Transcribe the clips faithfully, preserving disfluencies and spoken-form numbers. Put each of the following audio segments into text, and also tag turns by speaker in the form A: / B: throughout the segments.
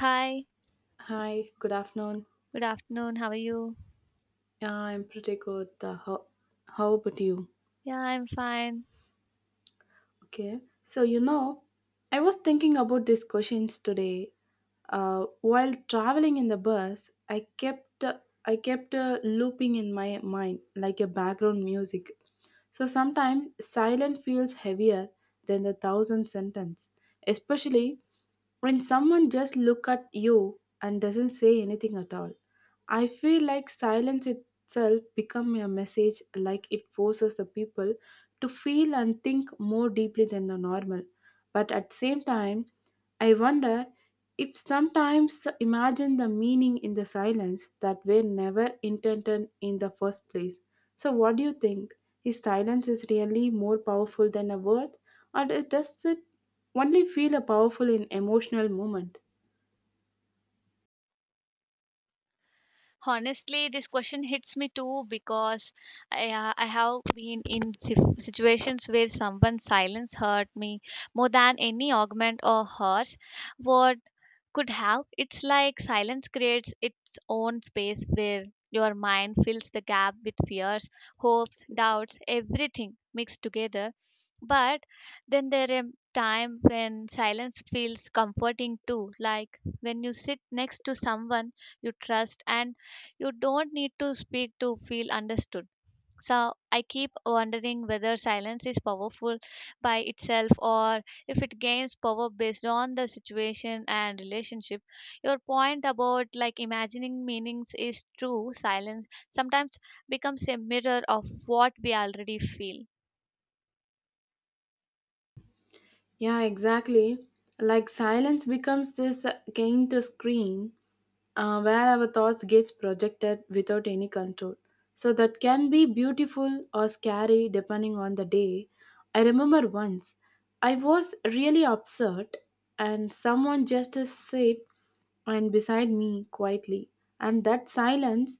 A: Hi,
B: Hi, good afternoon.
A: good afternoon. How are you?
B: Yeah, I'm pretty good. Uh, how, how about you?
A: Yeah, I'm fine.
B: Okay. So, you know, I was thinking about these questions today. Uh, while traveling in the bus, I kept uh, I kept uh, looping in my mind like a background music. So sometimes silence feels heavier than the thousand sentence, especially when someone just look at you and doesn't say anything at all. I feel like silence itself become a message like it forces the people to feel and think more deeply than the normal. But at the same time, I wonder if sometimes imagine the meaning in the silence that were never intended in the first place. So what do you think? Is silence is really more powerful than a word or does it only feel powerful in emotional moment?
A: Honestly, this question hits me too because I, uh, I have been in si- situations where someone's silence hurt me more than any argument or harsh word could have. It's like silence creates its own space where your mind fills the gap with fears, hopes, doubts, everything mixed together. But then there are time when silence feels comforting too, like when you sit next to someone you trust and you don't need to speak to feel understood. So I keep wondering whether silence is powerful by itself or if it gains power based on the situation and relationship. Your point about like imagining meanings is true. Silence sometimes becomes a mirror of what we already feel.
B: Yeah, exactly. Like silence becomes this uh, kind of screen uh, where our thoughts gets projected without any control. So that can be beautiful or scary depending on the day. I remember once I was really upset and someone just uh, said and beside me quietly and that silence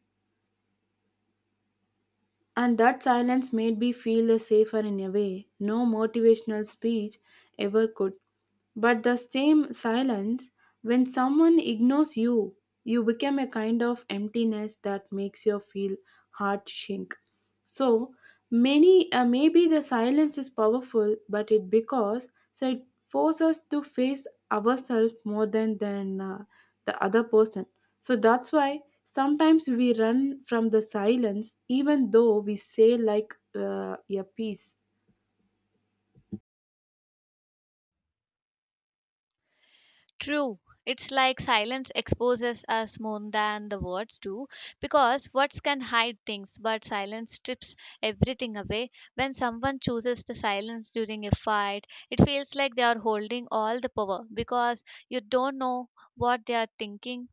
B: and that silence made me feel uh, safer in a way no motivational speech ever could. But the same silence, when someone ignores you, you become a kind of emptiness that makes you feel heart shrink. So many uh, maybe the silence is powerful, but it because so it forces us to face ourselves more than than uh, the other person. So that's why sometimes we run from the silence, even though we say like uh, a peace.
A: True. It's like silence exposes us more than the words do because words can hide things, but silence strips everything away. When someone chooses the silence during a fight, it feels like they are holding all the power because you don't know what they are thinking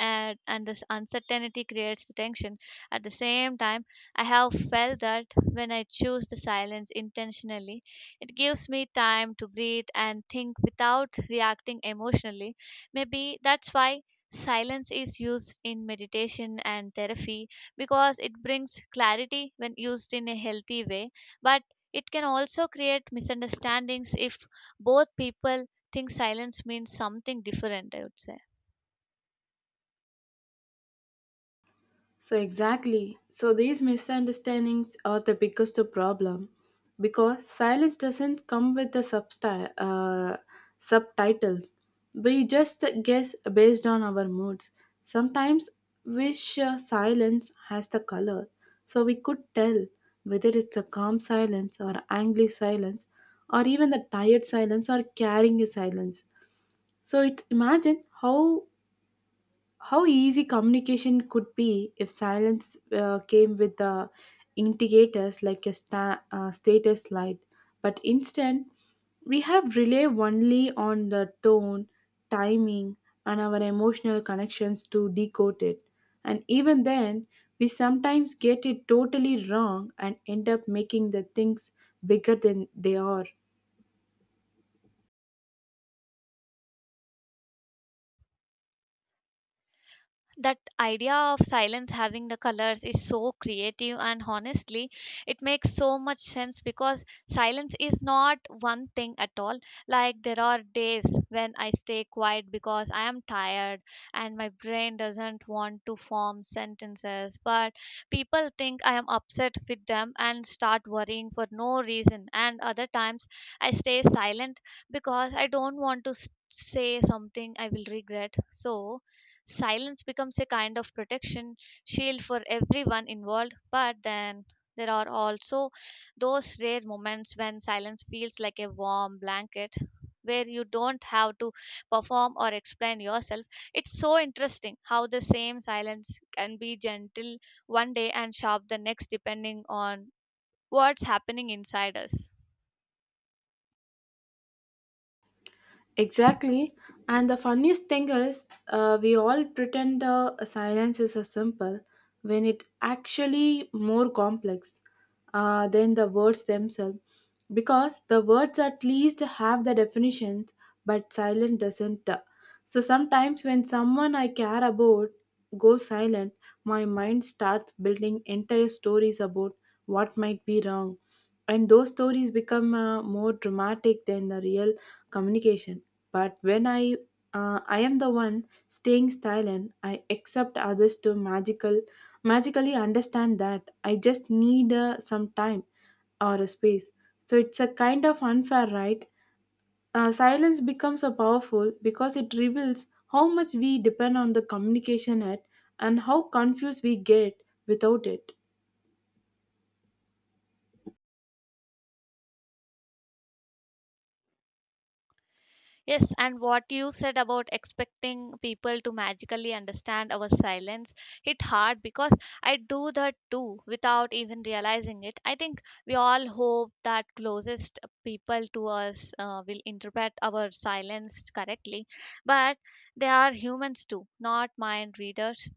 A: and, and this uncertainty creates the tension. At the same time, I have felt that when I choose the silence intentionally, it gives me time to breathe and think without reacting emotionally. Maybe that's why silence is used in meditation and therapy because it brings clarity when used in a healthy way, but it can also create misunderstandings if both people think silence means something different, I would say.
B: So, exactly. So, these misunderstandings are the biggest problem because silence doesn't come with the substi- uh, subtitle. We just guess based on our moods. Sometimes wish uh, silence has the color, so we could tell whether it's a calm silence or angry silence or even the tired silence or carrying a silence. So, it's imagine how how easy communication could be if silence uh, came with the indicators like a sta- uh, status light, but instead we have rely only on the tone, timing, and our emotional connections to decode it. And even then, we sometimes get it totally wrong and end up making the things bigger than they are.
A: That idea of silence having the colors is so creative and honestly it makes so much sense because silence is not one thing at all, like there are days when I stay quiet because I am tired and my brain doesn't want to form sentences but people think I am upset with them and start worrying for no reason. And other times I stay silent because I don't want to s- say something I will regret. So silence becomes a kind of protection shield for everyone involved, but then there are also those rare moments when silence feels like a warm blanket where you don't have to perform or explain yourself. It's so interesting how the same silence can be gentle one day and sharp the next, depending on what's happening inside us.
B: Exactly. And the funniest thing is, uh, we all pretend uh, silence is a simple when it actually more complex uh, than the words themselves. Because the words at least have the definitions, but silent doesn't. uh. So sometimes when someone I care about goes silent, my mind starts building entire stories about what might be wrong. And those stories become uh, more dramatic than the real communication. But when I uh, I am the one staying silent, I accept others to magical magically understand that I just need uh, some time or a space. So it's a kind of unfair, right? Uh, silence becomes a powerful because it reveals how much we depend on the communication at and how confused we get without it.
A: Yes, and what you said about expecting people to magically understand our silence hit hard because I do that too without even realizing it. I think we all hope that closest people to us uh, will interpret our silence correctly, but they are humans too, not mind readers.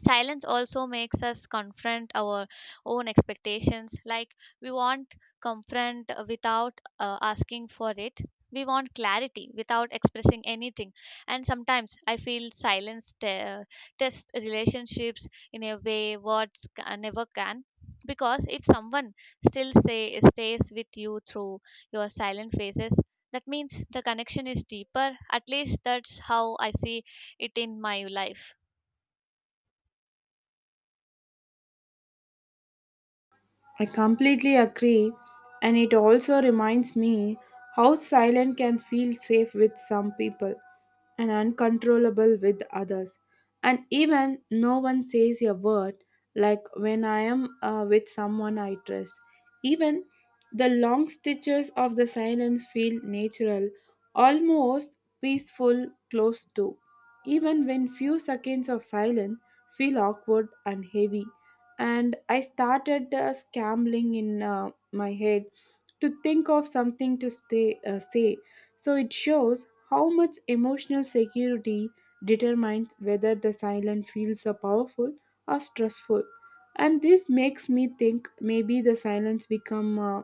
A: Silence also makes us confront our own expectations, like we want confront uh, without uh, asking for it, we want clarity without expressing anything. And sometimes I feel silence te- test relationships in a way words ca- never can, because if someone still say stays with you through your silent phases, that means the connection is deeper. At least that's how I see it in my life.
B: I completely agree, and it also reminds me how silent can feel safe with some people and uncontrollable with others. And even no one says a word, like when I am uh, with someone I trust. Even the long stitches of the silence feel natural, almost peaceful, close to. Even when few seconds of silence feel awkward and heavy and I started uh, scrambling in uh, my head to think of something to stay, uh, say. So it shows how much emotional security determines whether the silence feels uh, powerful or stressful. And this makes me think maybe the silence become uh,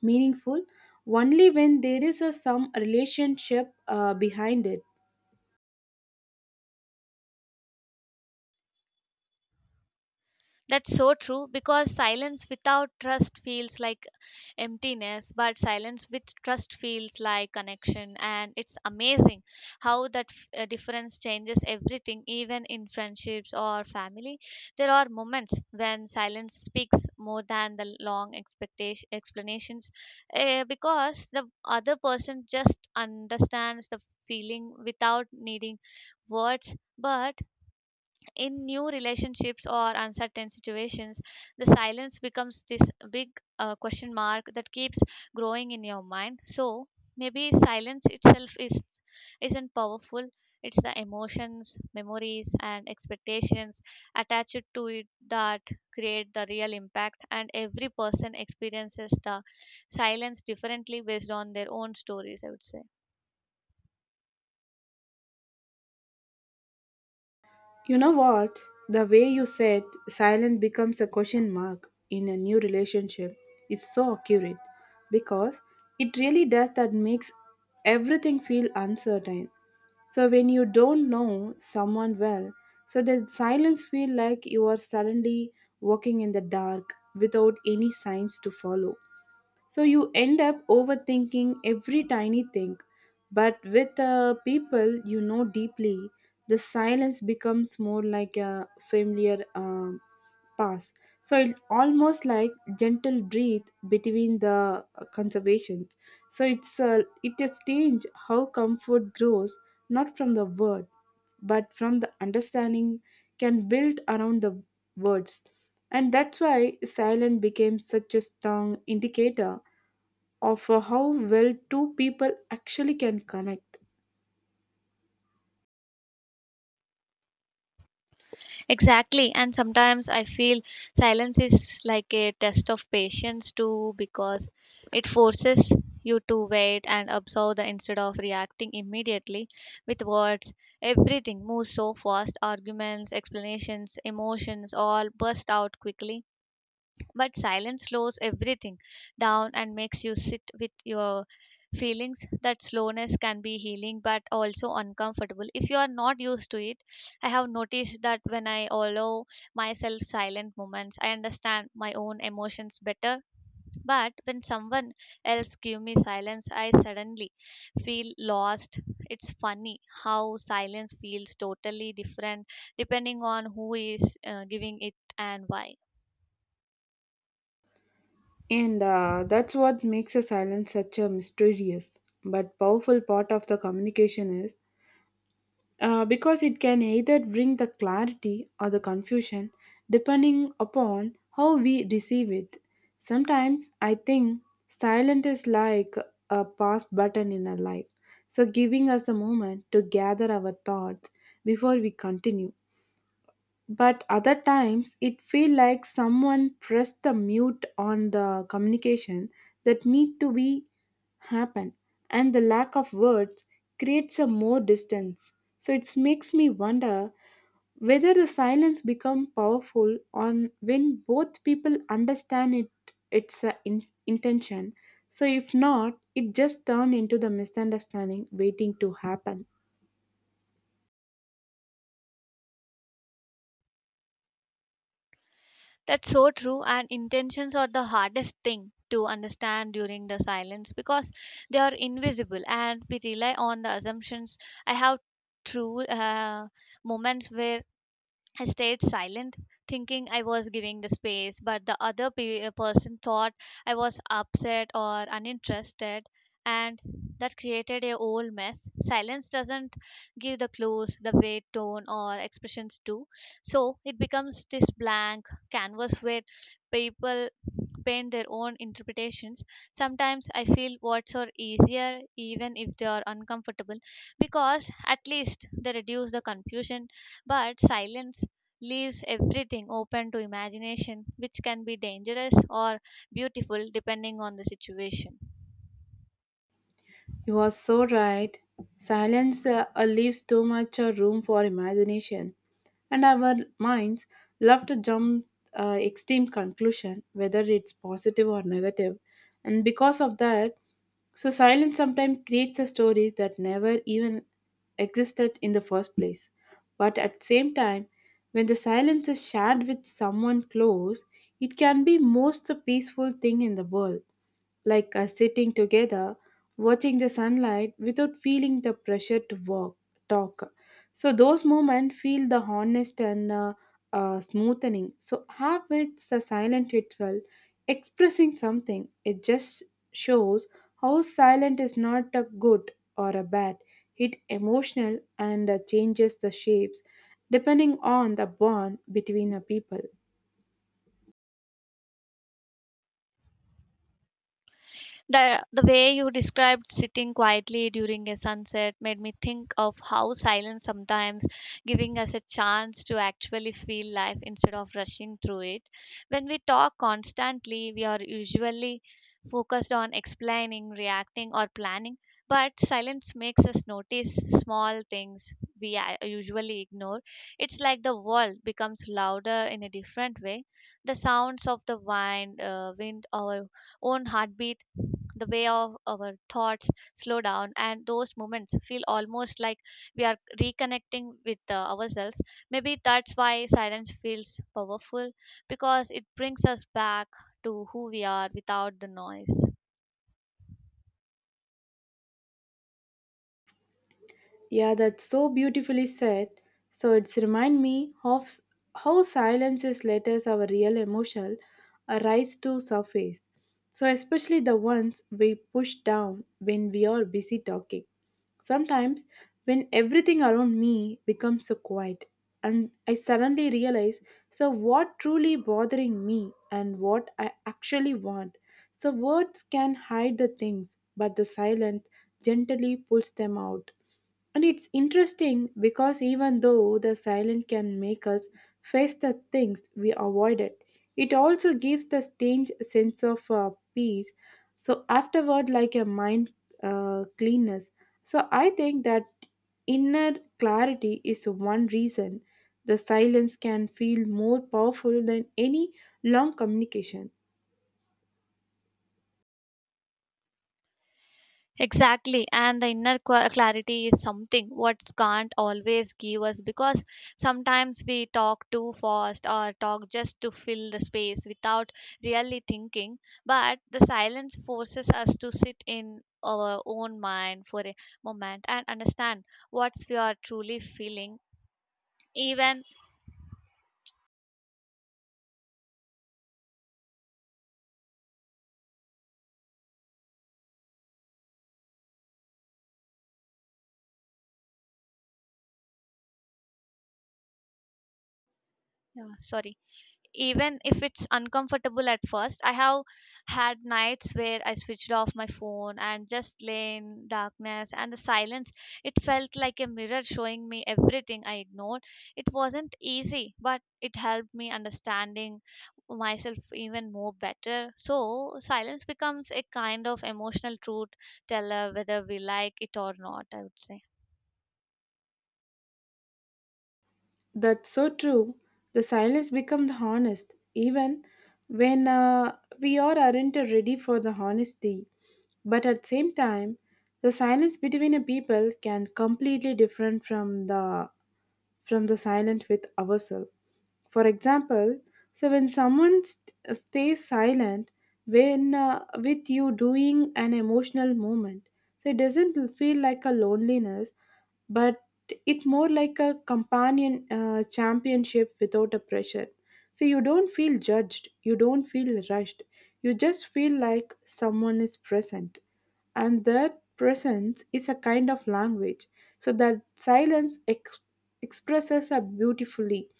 B: meaningful only when there is a some relationship uh, behind it.
A: That's so true because silence without trust feels like emptiness, but silence with trust feels like connection. And it's amazing how that f- uh, difference changes everything, even in friendships or family. There are moments when silence speaks more than the long expectation, explanations, uh, because the other person just understands the feeling without needing words. But in new relationships or uncertain situations, the silence becomes this big uh, question mark that keeps growing in your mind. So maybe silence itself is isn't powerful, it's the emotions, memories, and expectations attached to it that create the real impact. And every person experiences the silence differently based on their own stories, I would say.
B: You know what? The way you said silent becomes a question mark in a new relationship is so accurate because it really does that makes everything feel uncertain. So when you don't know someone well, so the silence feel like you are suddenly walking in the dark without any signs to follow. So you end up overthinking every tiny thing. But with uh, people you know deeply, the silence becomes more like a familiar um pass. So it almost like gentle breathe between the uh, conservations. So it's uh, it is strange how comfort grows not from the word but from the understanding can build around the words. And that's why silence became such a strong indicator of uh, how well two people actually can connect.
A: Exactly. And sometimes I feel silence is like a test of patience too, because it forces you to wait and observe the instead of reacting immediately with words. Everything moves so fast, arguments, explanations, emotions all burst out quickly, but silence slows everything down and makes you sit with your feelings. That slowness can be healing but also uncomfortable if you are not used to it. I have noticed that when I allow myself silent moments, I understand my own emotions better. But when someone else give me silence, I suddenly feel lost. It's funny how silence feels totally different depending on who is uh, giving it and why.
B: And uh, that's what makes a silence such a mysterious but powerful part of the communication is uh, because it can either bring the clarity or the confusion depending upon how we receive it. Sometimes I think silent is like a pause button in our life, so giving us a moment to gather our thoughts before we continue. But other times it feel like someone pressed the mute on the communication that need to be happen and the lack of words creates a more distance, so it makes me wonder whether the silence become powerful on when both people understand it its uh, in, intention. So if not it just turn into the misunderstanding waiting to happen.
A: That's so true, and intentions are the hardest thing to understand during the silence because they are invisible and we rely on the assumptions. I have true uh, moments where I stayed silent, thinking I was giving the space, but the other pe- uh, person thought I was upset or uninterested, and that created a whole mess. Silence doesn't give the clues, the weight, tone, or expressions do. So it becomes this blank canvas where people paint their own interpretations. Sometimes I feel words are easier, even if they are uncomfortable, because at least they reduce the confusion, but silence leaves everything open to imagination, which can be dangerous or beautiful depending on the situation.
B: You are so right. Silence uh, leaves too much uh, room for imagination, and our minds love to jump uh, extreme conclusion, whether it's positive or negative. And because of that, so silence sometimes creates a stories that never even existed in the first place. But at same time, when the silence is shared with someone close, it can be most peaceful thing in the world like uh, sitting together, watching the sunlight without feeling the pressure to walk, talk. So those moments feel the honest and uh, uh, smoothening. So habits, the silent ritual, expressing something, it just shows how silent is not a good or a bad. It emotional and uh, changes the shapes depending on the bond between a people.
A: The, the way you described sitting quietly during a sunset made me think of how silence sometimes giving us a chance to actually feel life instead of rushing through it. When we talk constantly, we are usually focused on explaining, reacting, or planning, but silence makes us notice small things we uh, usually ignore. It's like the world becomes louder in a different way, the sounds of the wind, uh, wind or own heartbeat, the way of our thoughts slow down, and those moments feel almost like we are reconnecting with uh, ourselves. Maybe that's why silence feels powerful, because it brings us back to who we are without the noise.
B: Yeah, that's so beautifully said. So it's remind me of how silences let us our real emotional arise to surface. So especially the ones we push down when we are busy talking. Sometimes when everything around me becomes so quiet and I suddenly realize so what truly bothering me and what I actually want. So words can hide the things, but the silence gently pulls them out. And it's interesting because even though the silence can make us face the things we avoided, it also gives the strange sense of uh, peace. So afterward, like a mind uh, cleanness. So I think that inner clarity is one reason the silence can feel more powerful than any long communication.
A: Exactly, and the inner qua- clarity is something what can't always give us because sometimes we talk too fast or talk just to fill the space without really thinking. But the silence forces us to sit in our own mind for a moment and understand what we are truly feeling, even, yeah, sorry, even if it's uncomfortable at first. I have had nights where I switched off my phone and just lay in darkness, and the silence, it felt like a mirror showing me everything I ignored. It wasn't easy, but it helped me understanding myself even more better. So silence becomes a kind of emotional truth teller whether we like it or not, I would say.
B: That's so true. The silence becomes the honest, even when uh, we all aren't ready for the honesty. But at the same time, the silence between a people can completely different from the from the silent with ourselves. For example, so when someone st- stays silent when uh, with you doing an emotional moment, so it doesn't feel like a loneliness, but it more like a companion uh, championship without a pressure. So you don't feel judged, you don't feel rushed, you just feel like someone is present and that presence is a kind of language. So that silence ex- expresses her beautifully.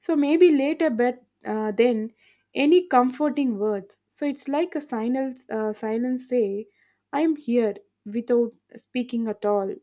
B: So maybe later, but uh, then any comforting words. So it's like a silence. Uh, silence say, "I am here" without speaking at all.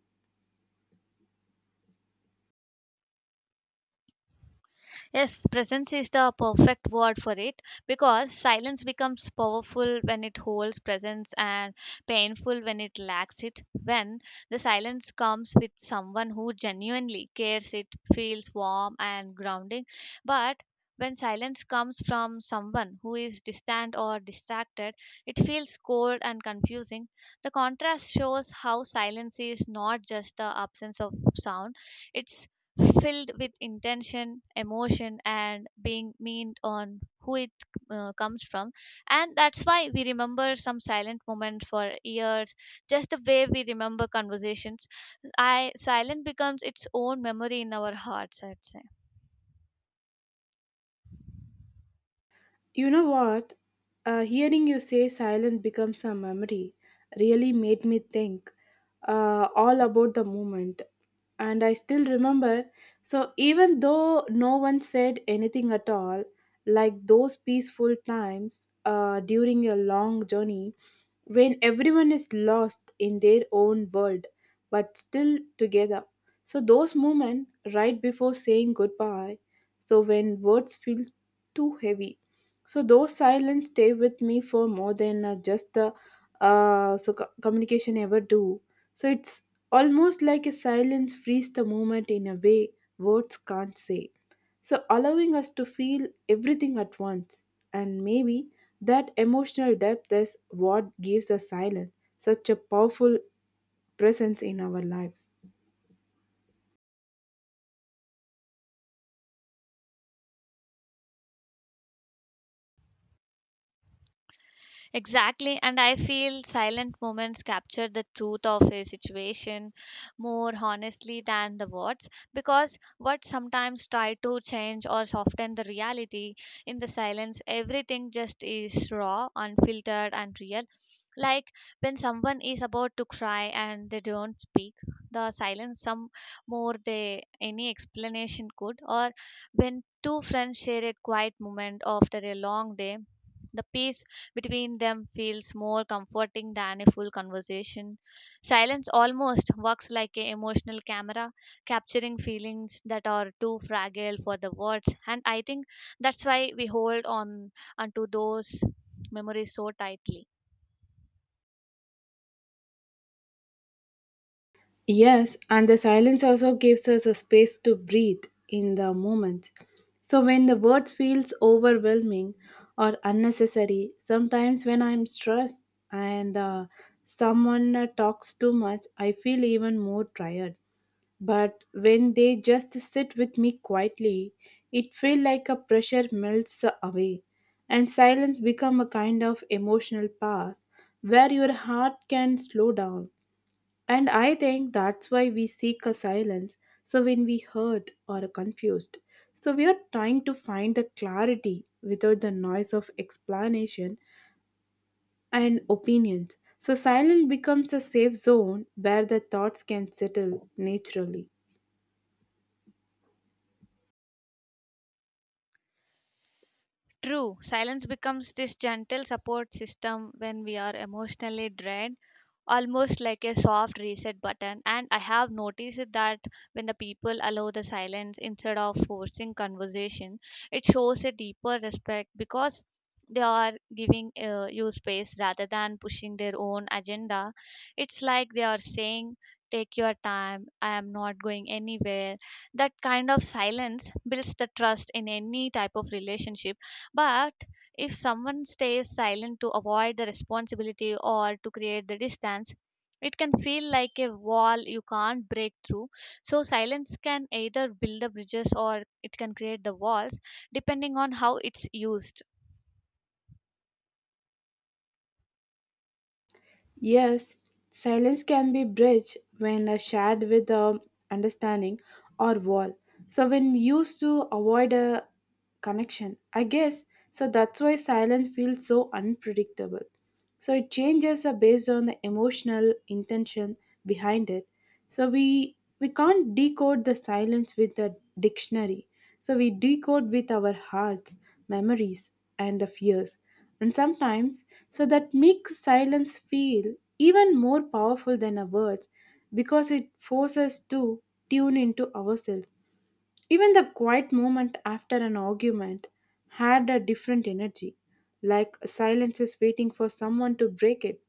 A: Yes, presence is the perfect word for it because silence becomes powerful when it holds presence and painful when it lacks it. When the silence comes with someone who genuinely cares, it feels warm and grounding. But when silence comes from someone who is distant or distracted, it feels cold and confusing. The contrast shows how silence is not just the absence of sound, it's filled with intention, emotion, and being meant on who it uh, comes from. And that's why we remember some silent moments for years, just the way we remember conversations. I silent becomes its own memory in our hearts, I'd say.
B: You know what? Uh, hearing you say silent becomes a memory really made me think uh, all about the moment. And I still remember. So, even though no one said anything at all, like those peaceful times uh, during a long journey, when everyone is lost in their own world but still together. So, those moments right before saying goodbye, so when words feel too heavy. So, those silence stay with me for more than uh, just the uh, so co- communication ever do. So, it's almost like a silence frees the moment in a way words can't say. So, allowing us to feel everything at once. And maybe that emotional depth is what gives the silence such a powerful presence in our life.
A: Exactly, and I feel silent moments capture the truth of a situation more honestly than the words, because words sometimes try to change or soften the reality. In the silence, everything just is raw, unfiltered, and real. Like when someone is about to cry and they don't speak, the silence some more they any explanation could, or when two friends share a quiet moment after a long day, the peace between them feels more comforting than a full conversation. Silence almost works like an emotional camera, capturing feelings that are too fragile for the words. And I think that's why we hold on onto those memories so tightly.
B: Yes, and the silence also gives us a space to breathe in the moment. So when the words feels overwhelming or unnecessary, sometimes when I'm stressed and uh, someone uh, talks too much, I feel even more tired. But when they just sit with me quietly, it feels like a pressure melts away and silence become a kind of emotional path where your heart can slow down. And I think that's why we seek a silence. So when we hurt or are confused, so we are trying to find the clarity without the noise of explanation and opinions. So silence becomes a safe zone where the thoughts can settle naturally.
A: True, silence becomes this gentle support system when we are emotionally drained, almost like a soft reset button. And I have noticed that when the people allow the silence instead of forcing conversation, it shows a deeper respect because they are giving uh, you space rather than pushing their own agenda. It's like they are saying, "Take your time, I am not going anywhere." That kind of silence builds the trust in any type of relationship, but if someone stays silent to avoid the responsibility or to create the distance, it can feel like a wall you can't break through. So, silence can either build the bridges or it can create the walls depending on how it's used.
B: Yes, silence can be bridged when uh, shared with um, understanding or wall. So when we used to avoid a connection, I guess. So that's why silence feels so unpredictable. So it changes uh, based on the emotional intention behind it, so we we can't decode the silence with a dictionary, so we decode with our hearts, memories, and the fears. And sometimes so that makes silence feel even more powerful than our words because it forces us to tune into ourselves. Even the quiet moment after an argument had a different energy, like silence is waiting for someone to break it.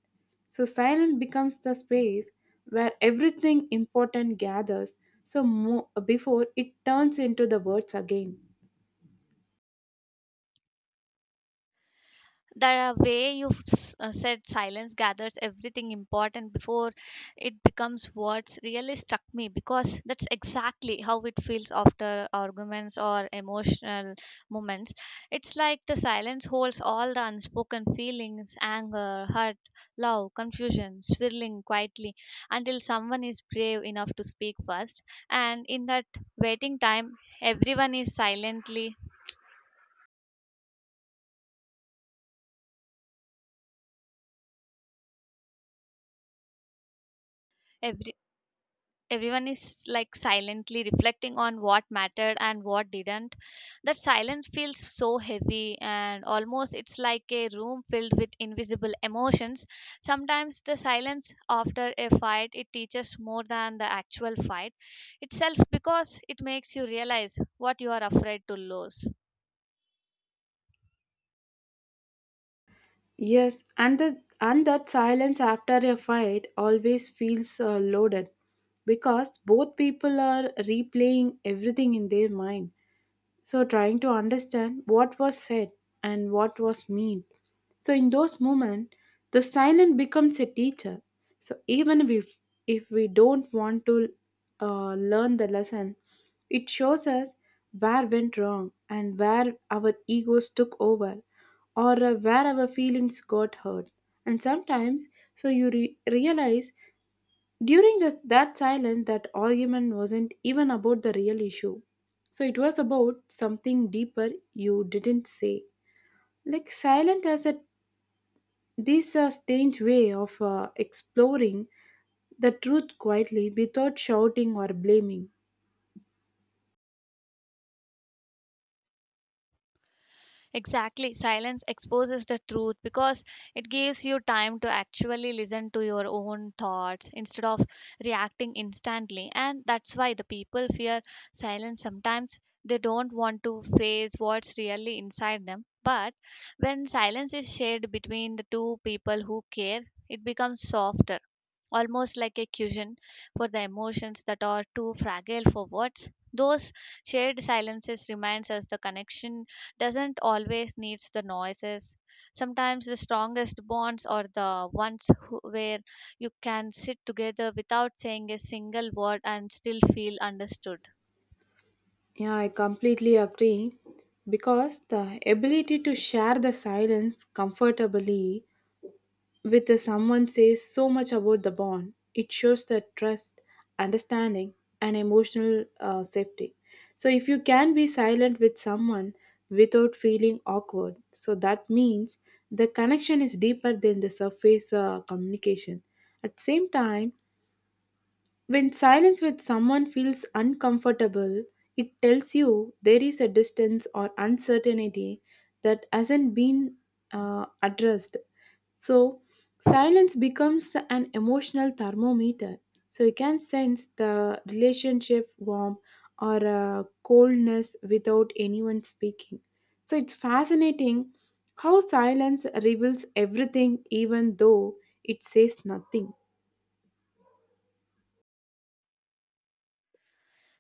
B: So silence becomes the space where everything important gathers. So mo- before it turns into the words again.
A: The way you s- uh, said silence gathers everything important before it becomes words really struck me because that's exactly how it feels after arguments or emotional moments. It's like the silence holds all the unspoken feelings, anger, hurt, love, confusion, swirling quietly until someone is brave enough to speak first. And in that waiting time, everyone is silently, every everyone is like silently reflecting on what mattered and what didn't. That silence feels so heavy, and almost it's like a room filled with invisible emotions. Sometimes the silence after a fight it teaches more than the actual fight itself, because it makes you realize what you are afraid to lose.
B: Yes, and the and that silence after a fight always feels uh, loaded because both people are replaying everything in their mind so trying to understand what was said and what was meant. So in those moments, the silent becomes a teacher. So even if if we don't want to uh, learn the lesson, it shows us where went wrong and where our egos took over or uh, where our feelings got hurt. And sometimes, so you re- realize during this, that silence, that argument wasn't even about the real issue. So it was about something deeper you didn't say. Like silent has a this uh, strange way of uh, exploring the truth quietly without shouting or blaming.
A: Exactly. Silence exposes the truth because it gives you time to actually listen to your own thoughts instead of reacting instantly. And that's why the people fear silence sometimes. They don't want to face what's really inside them. But when silence is shared between the two people who care, it becomes softer, almost like a cushion for the emotions that are too fragile for words. Those shared silences reminds us the connection doesn't always needs the noises. Sometimes the strongest bonds are the ones who, where you can sit together without saying a single word and still feel understood.
B: Yeah, I completely agree because the ability to share the silence comfortably with the someone says so much about the bond. It shows that trust, understanding, and emotional uh, safety. So if you can be silent with someone without feeling awkward, so that means the connection is deeper than the surface uh, communication. At the same time, when silence with someone feels uncomfortable, it tells you there is a distance or uncertainty that hasn't been uh, addressed. So, silence becomes an emotional thermometer. So, you can sense the relationship warmth or uh, coldness without anyone speaking. So, it's fascinating how silence reveals everything, even though it says nothing.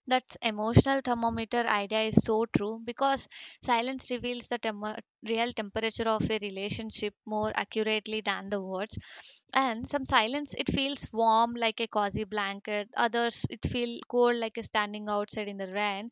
A: That emotional thermometer idea is so true because silence reveals the temo- real temperature of a relationship more accurately than the words, and some silence it feels warm like a cozy blanket, others it feel cold like a standing outside in the rain.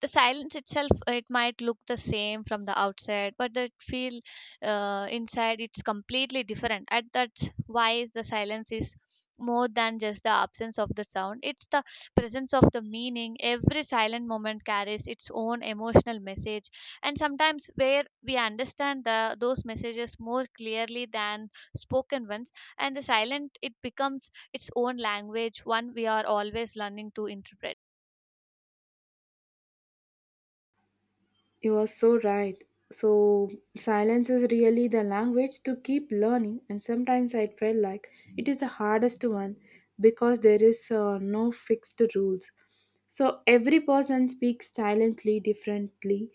A: The silence itself, it might look the same from the outside, but the feel uh, inside it's completely different. And that's why the silence is more than just the absence of the sound. It's the presence of the meaning. Every silent moment carries its own emotional message, and sometimes where we understand the those messages more clearly than spoken ones. And the silent, it becomes its own language, one we are always learning to interpret.
B: You are so right. So, silence is really the language to keep learning, and sometimes I felt like it is the hardest one because there is uh, no fixed rules. So, every person speaks silently differently,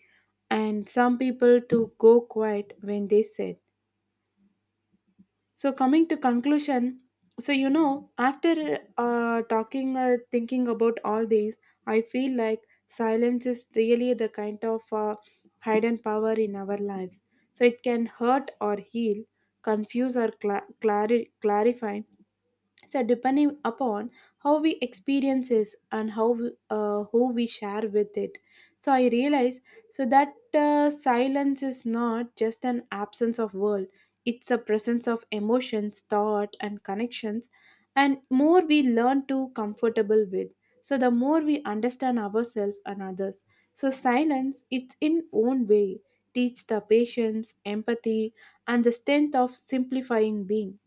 B: and some people to go quiet when they said. So coming to conclusion, so you know, after uh, talking, uh, thinking about all these, I feel like silence is really the kind of uh, hidden power in our lives. So it can hurt or heal, confuse or cla clari- clarify, so depending upon how we experience this and how we- uh, who we share with it. So I realize so that uh, silence is not just an absence of world, it's a presence of emotions, thought, and connections, and more we learn to comfortable with, so the more we understand ourselves and others. So silence it's in own way teach the patience, empathy, and the strength of simplifying being.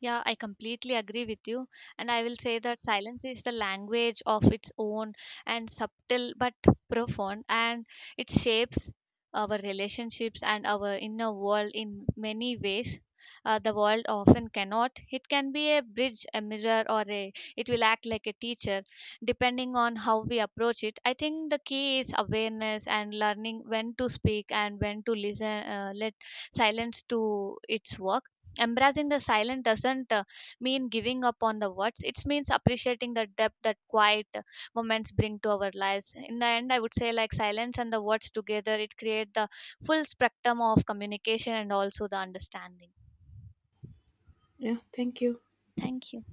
A: Yeah, I completely agree with you. And I will say that silence is the language of its own and subtle but profound, and it shapes our relationships and our inner world in many ways. Uh, the world often cannot. It can be a bridge, a mirror, or a, it will act like a teacher, depending on how we approach it. I think the key is awareness and learning when to speak and when to listen, uh, let silence to its work. Embracing the silent doesn't uh, mean giving up on the words. It means appreciating the depth that quiet uh, moments bring to our lives. In the end, I would say like silence and the words together, it create the full spectrum of communication and also the understanding.
B: Yeah, thank you.
A: Thank you.